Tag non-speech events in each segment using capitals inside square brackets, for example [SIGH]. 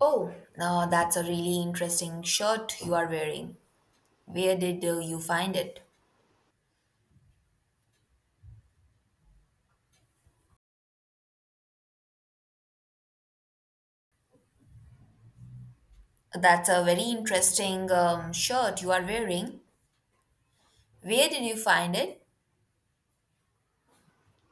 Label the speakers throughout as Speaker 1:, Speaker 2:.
Speaker 1: Oh, now that's a really interesting shirt you are wearing. Where did you find it? That's a very interesting shirt you are wearing. Where did you find it?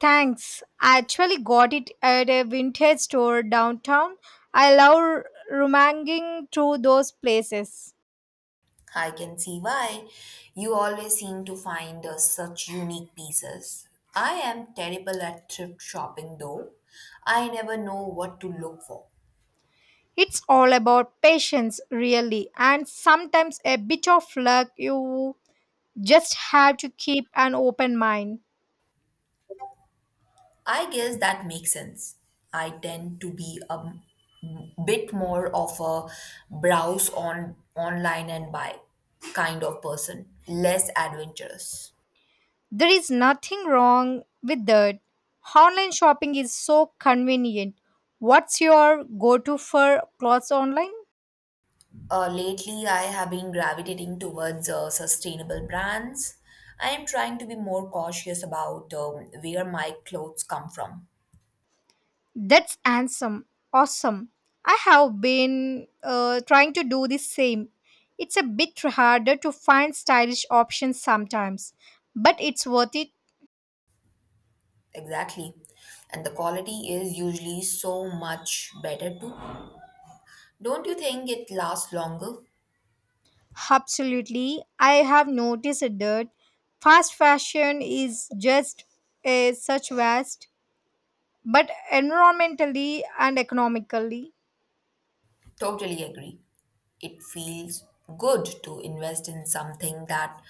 Speaker 2: Thanks. I actually got it at a vintage store downtown. I love rummaging through those places.
Speaker 1: I can see why. You always seem to find such unique pieces. I am terrible at thrift shopping though. I never know what to look for.
Speaker 2: It's all about patience, really, and sometimes a bit of luck. You just have to keep an open mind.
Speaker 1: I guess that makes sense. I tend to be a bit more of a browse on online and buy kind of person, less adventurous.
Speaker 2: There is nothing wrong with that. Online shopping is so convenient. What's your go to for clothes online?
Speaker 1: Lately, I have been gravitating towards sustainable brands. I am trying to be more cautious about where my clothes come from.
Speaker 2: That's handsome. Awesome. I have been trying to do the same. It's a bit harder to find stylish options sometimes, but it's worth it.
Speaker 1: Exactly. And the quality is usually so much better too. Don't you think it lasts longer?
Speaker 2: Absolutely. I have noticed that fast fashion is just a such vast, but environmentally and economically.
Speaker 1: Totally agree. It feels good to invest in something that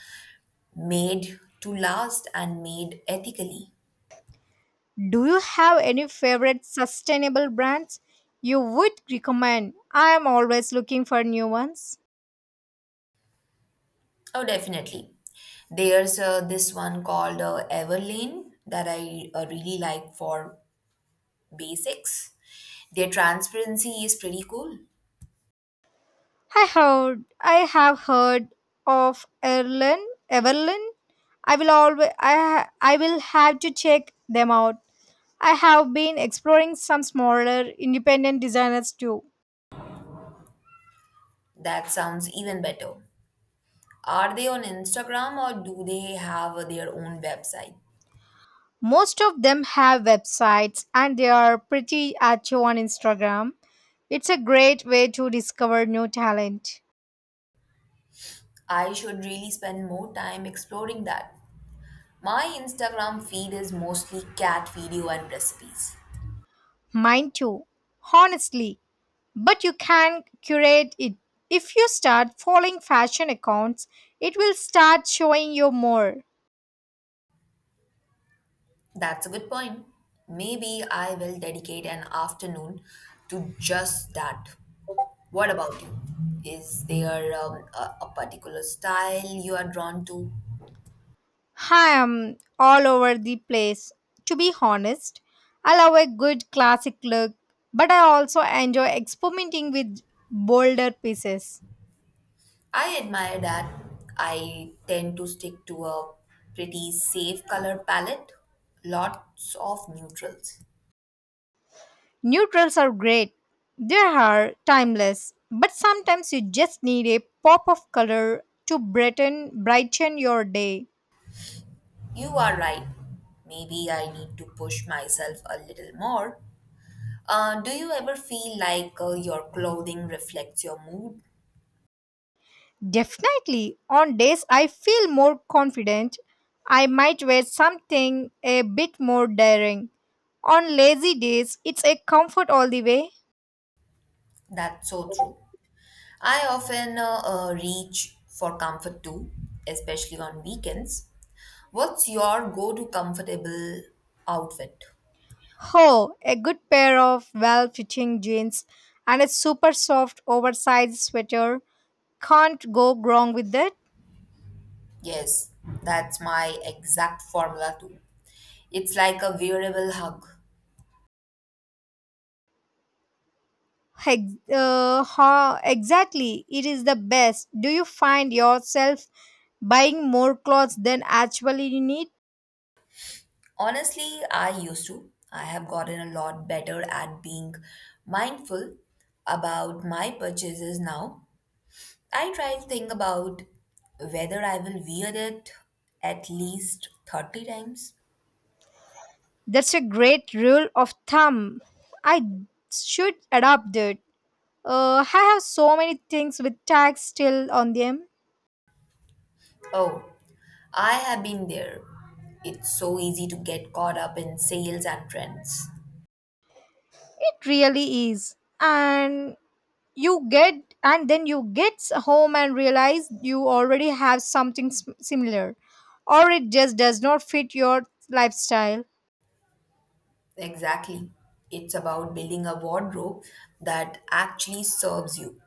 Speaker 1: made to last and made ethically.
Speaker 2: Do you have any favorite sustainable brands you would recommend? I am always looking for new ones.
Speaker 1: Oh, definitely. There's this one called Everlane that I really like for basics. Their transparency is pretty cool.
Speaker 2: I have heard of Erlen Everlyn. I will always I ha- I will have to check them out. I have been exploring some smaller independent designers too.
Speaker 1: That sounds even better. Are they on Instagram or do they have their own website?
Speaker 2: Most of them have websites and they are pretty active on Instagram. It's a great way to discover new talent.
Speaker 1: I should really spend more time exploring that. My Instagram feed is mostly cat video and recipes.
Speaker 2: Mine too. Honestly, but you can curate it. If you start following fashion accounts, it will start showing you more.
Speaker 1: That's a good point. Maybe I will dedicate an afternoon to just that. What about you? Is there a particular style you are drawn to?
Speaker 2: I am all over the place. To be honest, I love a good classic look, but I also enjoy experimenting with bolder pieces.
Speaker 1: I admire that. I tend to stick to a pretty safe color palette, lots of neutrals.
Speaker 2: Neutrals are great, they are timeless, but sometimes you just need a pop of color to brighten your day.
Speaker 1: You are right. Maybe I need to push myself a little more. Do you ever feel like your clothing reflects your mood?
Speaker 2: Definitely, on days I feel more confident, I might wear something a bit more daring. On lazy days, it's a comfort all the way.
Speaker 1: That's so true. I often reach for comfort too, especially on weekends. What's your go to comfortable outfit?
Speaker 2: Oh, a good pair of well fitting jeans and a super soft oversized sweater. Can't go wrong with that.
Speaker 1: Yes, that's my exact formula too. It's like a wearable hug.
Speaker 2: Exactly, it is the best. Do you find yourself buying more clothes than actually you need?
Speaker 1: Honestly, I used to. I have gotten a lot better at being mindful about my purchases now. I try to think about whether I will wear it at least 30 times.
Speaker 2: That's a great rule of thumb. I should adopt it. I have so many things with tags still on them.
Speaker 1: Oh, I have been there. It's so easy to get caught up in sales and trends.
Speaker 2: It really is. And you get home and realize you already have something similar, or it just does not fit your lifestyle.
Speaker 1: Exactly. It's about building a wardrobe that actually serves you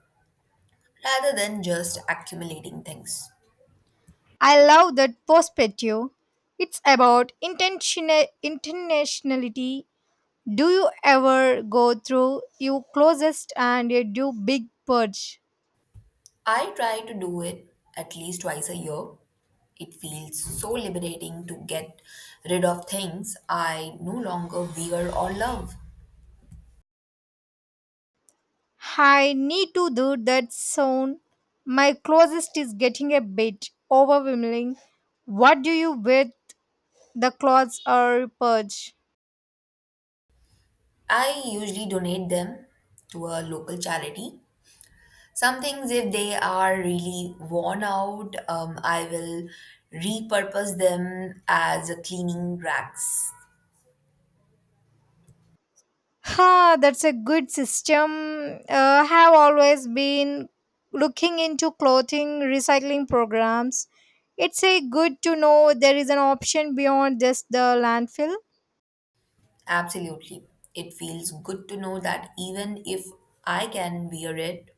Speaker 1: rather than just accumulating things.
Speaker 2: I love that perspective. It's about intentionality. Do you ever go through your closest and you do big purge?
Speaker 1: I try to do it at least twice a year. It feels so liberating to get rid of things I no longer wear or love.
Speaker 2: I need to do that soon. My closest is getting a bit overwhelming. What do you with the clothes or purge?
Speaker 1: I usually donate them to a local charity. Some things, if they are really worn out, I will repurpose them as a cleaning racks.
Speaker 2: Ha, that's a good system. Have always been looking into clothing recycling programs. It's a good to know there is an option beyond just the landfill.
Speaker 1: Absolutely. It feels good to know that even if I can wear it,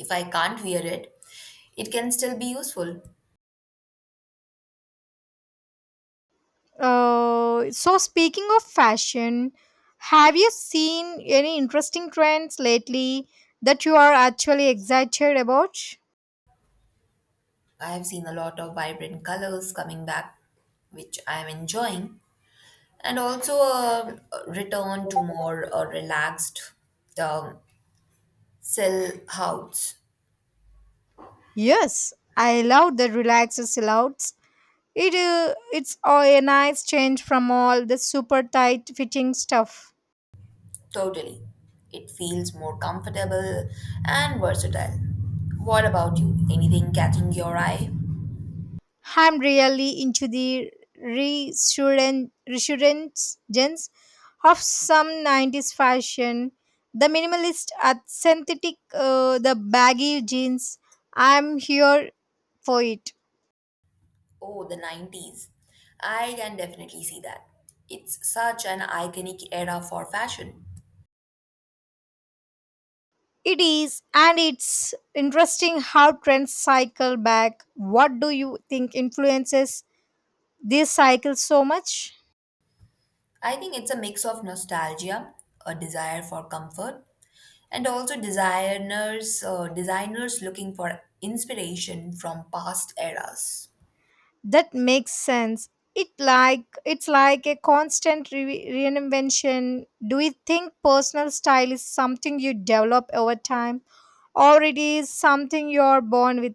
Speaker 1: if I can't wear it, it can still be useful.
Speaker 2: So speaking of fashion, have you seen any interesting trends lately that you are actually excited about?
Speaker 1: I have seen a lot of vibrant colors coming back, which I am enjoying, and also a return to more relaxed um, sill house.
Speaker 2: Yes, I love the relaxed silhouettes. It's a nice change from all the super tight fitting stuff.
Speaker 1: Totally. It feels more comfortable and versatile. What about you? Anything catching your eye?
Speaker 2: I'm really into the resurgence of some 90s fashion. The minimalist synthetic, the baggy jeans. I'm here for it.
Speaker 1: Oh, the 90s. I can definitely see that. It's such an iconic era for fashion.
Speaker 2: It is, and it's interesting how trends cycle back. What do you think influences this cycle so much?
Speaker 1: I think it's a mix of nostalgia, a desire for comfort, and also designers looking for inspiration from past eras.
Speaker 2: That makes sense, it like it's like a constant reinvention. Do you think personal style is something you develop over time, or it is something you're born with?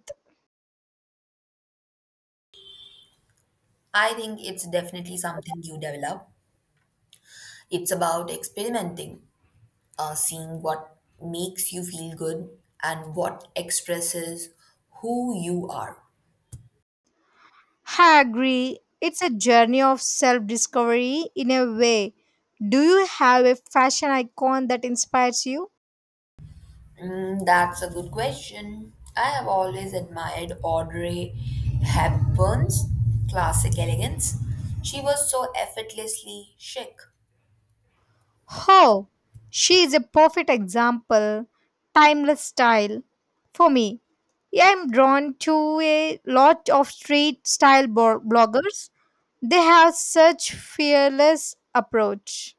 Speaker 1: I think it's definitely something you develop. It's about experimenting, seeing what makes you feel good and what expresses who you are.
Speaker 2: I agree, it's a journey of self discovery in a way. Do you have a fashion icon that inspires you?
Speaker 1: Mm, that's a good question. I have always admired Audrey Hepburn's classic elegance. She was so effortlessly chic.
Speaker 2: Oh, she is a perfect example, timeless style. For me, I'm drawn to a lot of street style bloggers. They have such fearless approach.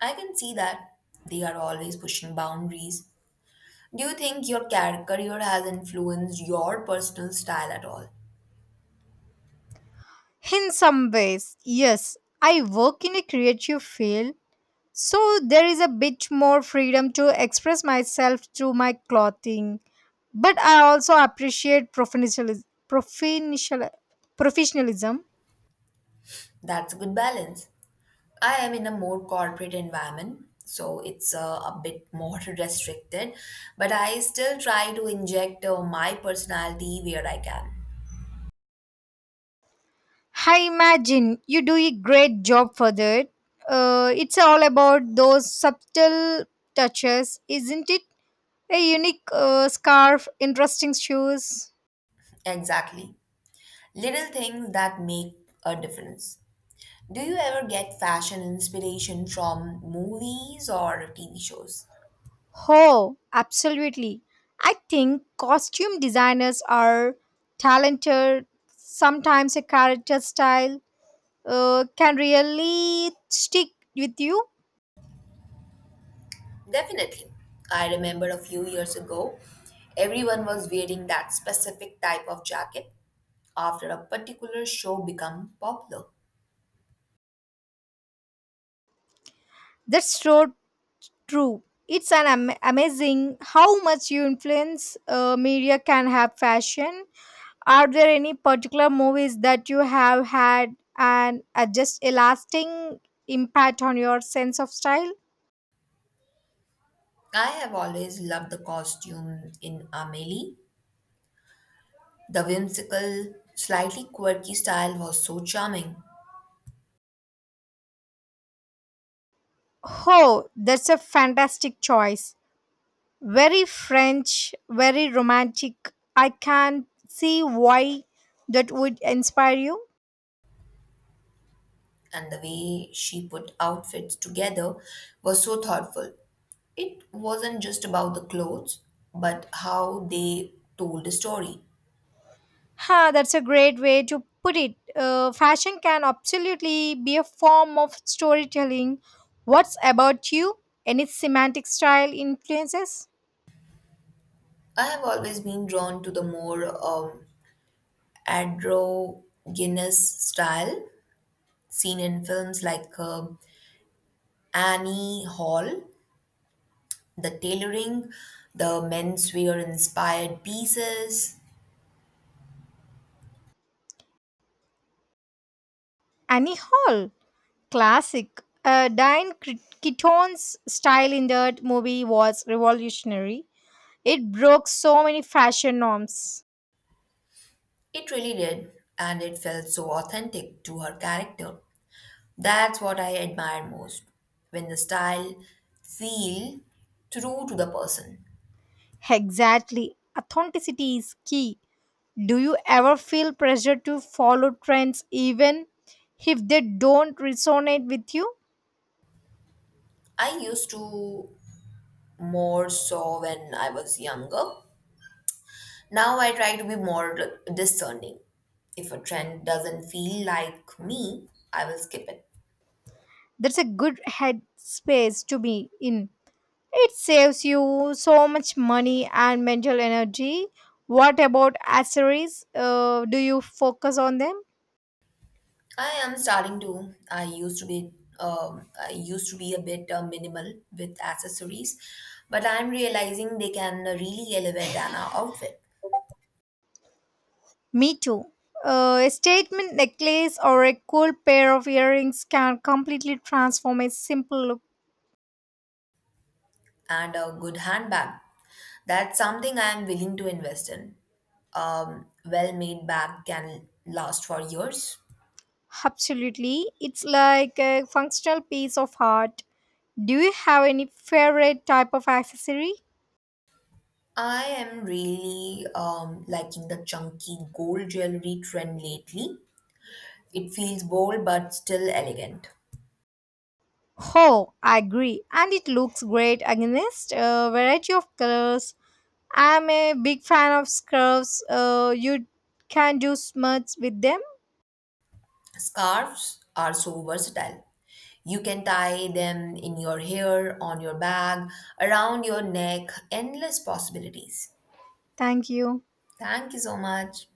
Speaker 1: I can see that. They are always pushing boundaries. Do you think your career has influenced your personal style at all?
Speaker 2: In some ways, yes, I work in a creative field, so there is a bit more freedom to express myself through my clothing. But I also appreciate professionalism.
Speaker 1: That's a good balance. I am in a more corporate environment, so it's a bit more [LAUGHS] restricted, but I still try to inject my personality where I can.
Speaker 2: I imagine you do a great job for that. It's all about those subtle touches, isn't it? A unique scarf, interesting shoes.
Speaker 1: Exactly. Little things that make a difference. Do you ever get fashion inspiration from movies or TV shows?
Speaker 2: Oh, absolutely. I think costume designers are talented. Sometimes a character style can really stick with you.
Speaker 1: Definitely. I remember a few years ago, everyone was wearing that specific type of jacket after a particular show became popular.
Speaker 2: That's so true. It's amazing how much you influence media can have fashion. Are there any particular movies that you have had and just a lasting impact on your sense of style?
Speaker 1: I have always loved the costume in Amelie. The whimsical, slightly quirky style was so charming,
Speaker 2: Oh, that's a fantastic choice. Very French, very romantic. I can see why that would inspire you.
Speaker 1: and the way she put outfits together was so thoughtful. It wasn't just about the clothes, but how they told the story.
Speaker 2: Ha, that's a great way to put it. Fashion can absolutely be a form of storytelling. What's about you? Any semantic style influences?
Speaker 1: I have always been drawn to the more androgynous style seen in films like Annie Hall, the tailoring, the menswear inspired pieces.
Speaker 2: Annie Hall, classic. Diane Keaton's style in that movie was revolutionary. It broke so many fashion norms.
Speaker 1: It really did, and it felt so authentic to her character. That's what I admire most when the style feel true to the person.
Speaker 2: Exactly. Authenticity is key. Do you ever feel pressure to follow trends even if they don't resonate with you?
Speaker 1: I used to, more so when I was younger. Now I try to be more discerning. If a trend doesn't feel like me, I will skip it.
Speaker 2: That's a good headspace to be in. It saves you so much money and mental energy. What about accessories? Do you focus on them?
Speaker 1: I am starting to. I used to be. I used to be a bit minimal with accessories, but I'm realizing they can really elevate an outfit
Speaker 2: Me too. A statement necklace or a cool pair of earrings can completely transform a simple look.
Speaker 1: and a good handbag. That's something I am willing to invest in. Well-made bag can last for years.
Speaker 2: Absolutely. It's like a functional piece of art. Do you have any favorite type of accessory?
Speaker 1: I am really liking the chunky gold jewelry trend lately. It feels bold but still elegant.
Speaker 2: Oh, I agree. And it looks great against a variety of colors. I'm a big fan of scarves. You can do much with them.
Speaker 1: Scarves are so versatile. You can tie them in your hair, on your bag, around your neck, endless possibilities.
Speaker 2: Thank you.
Speaker 1: Thank you so much.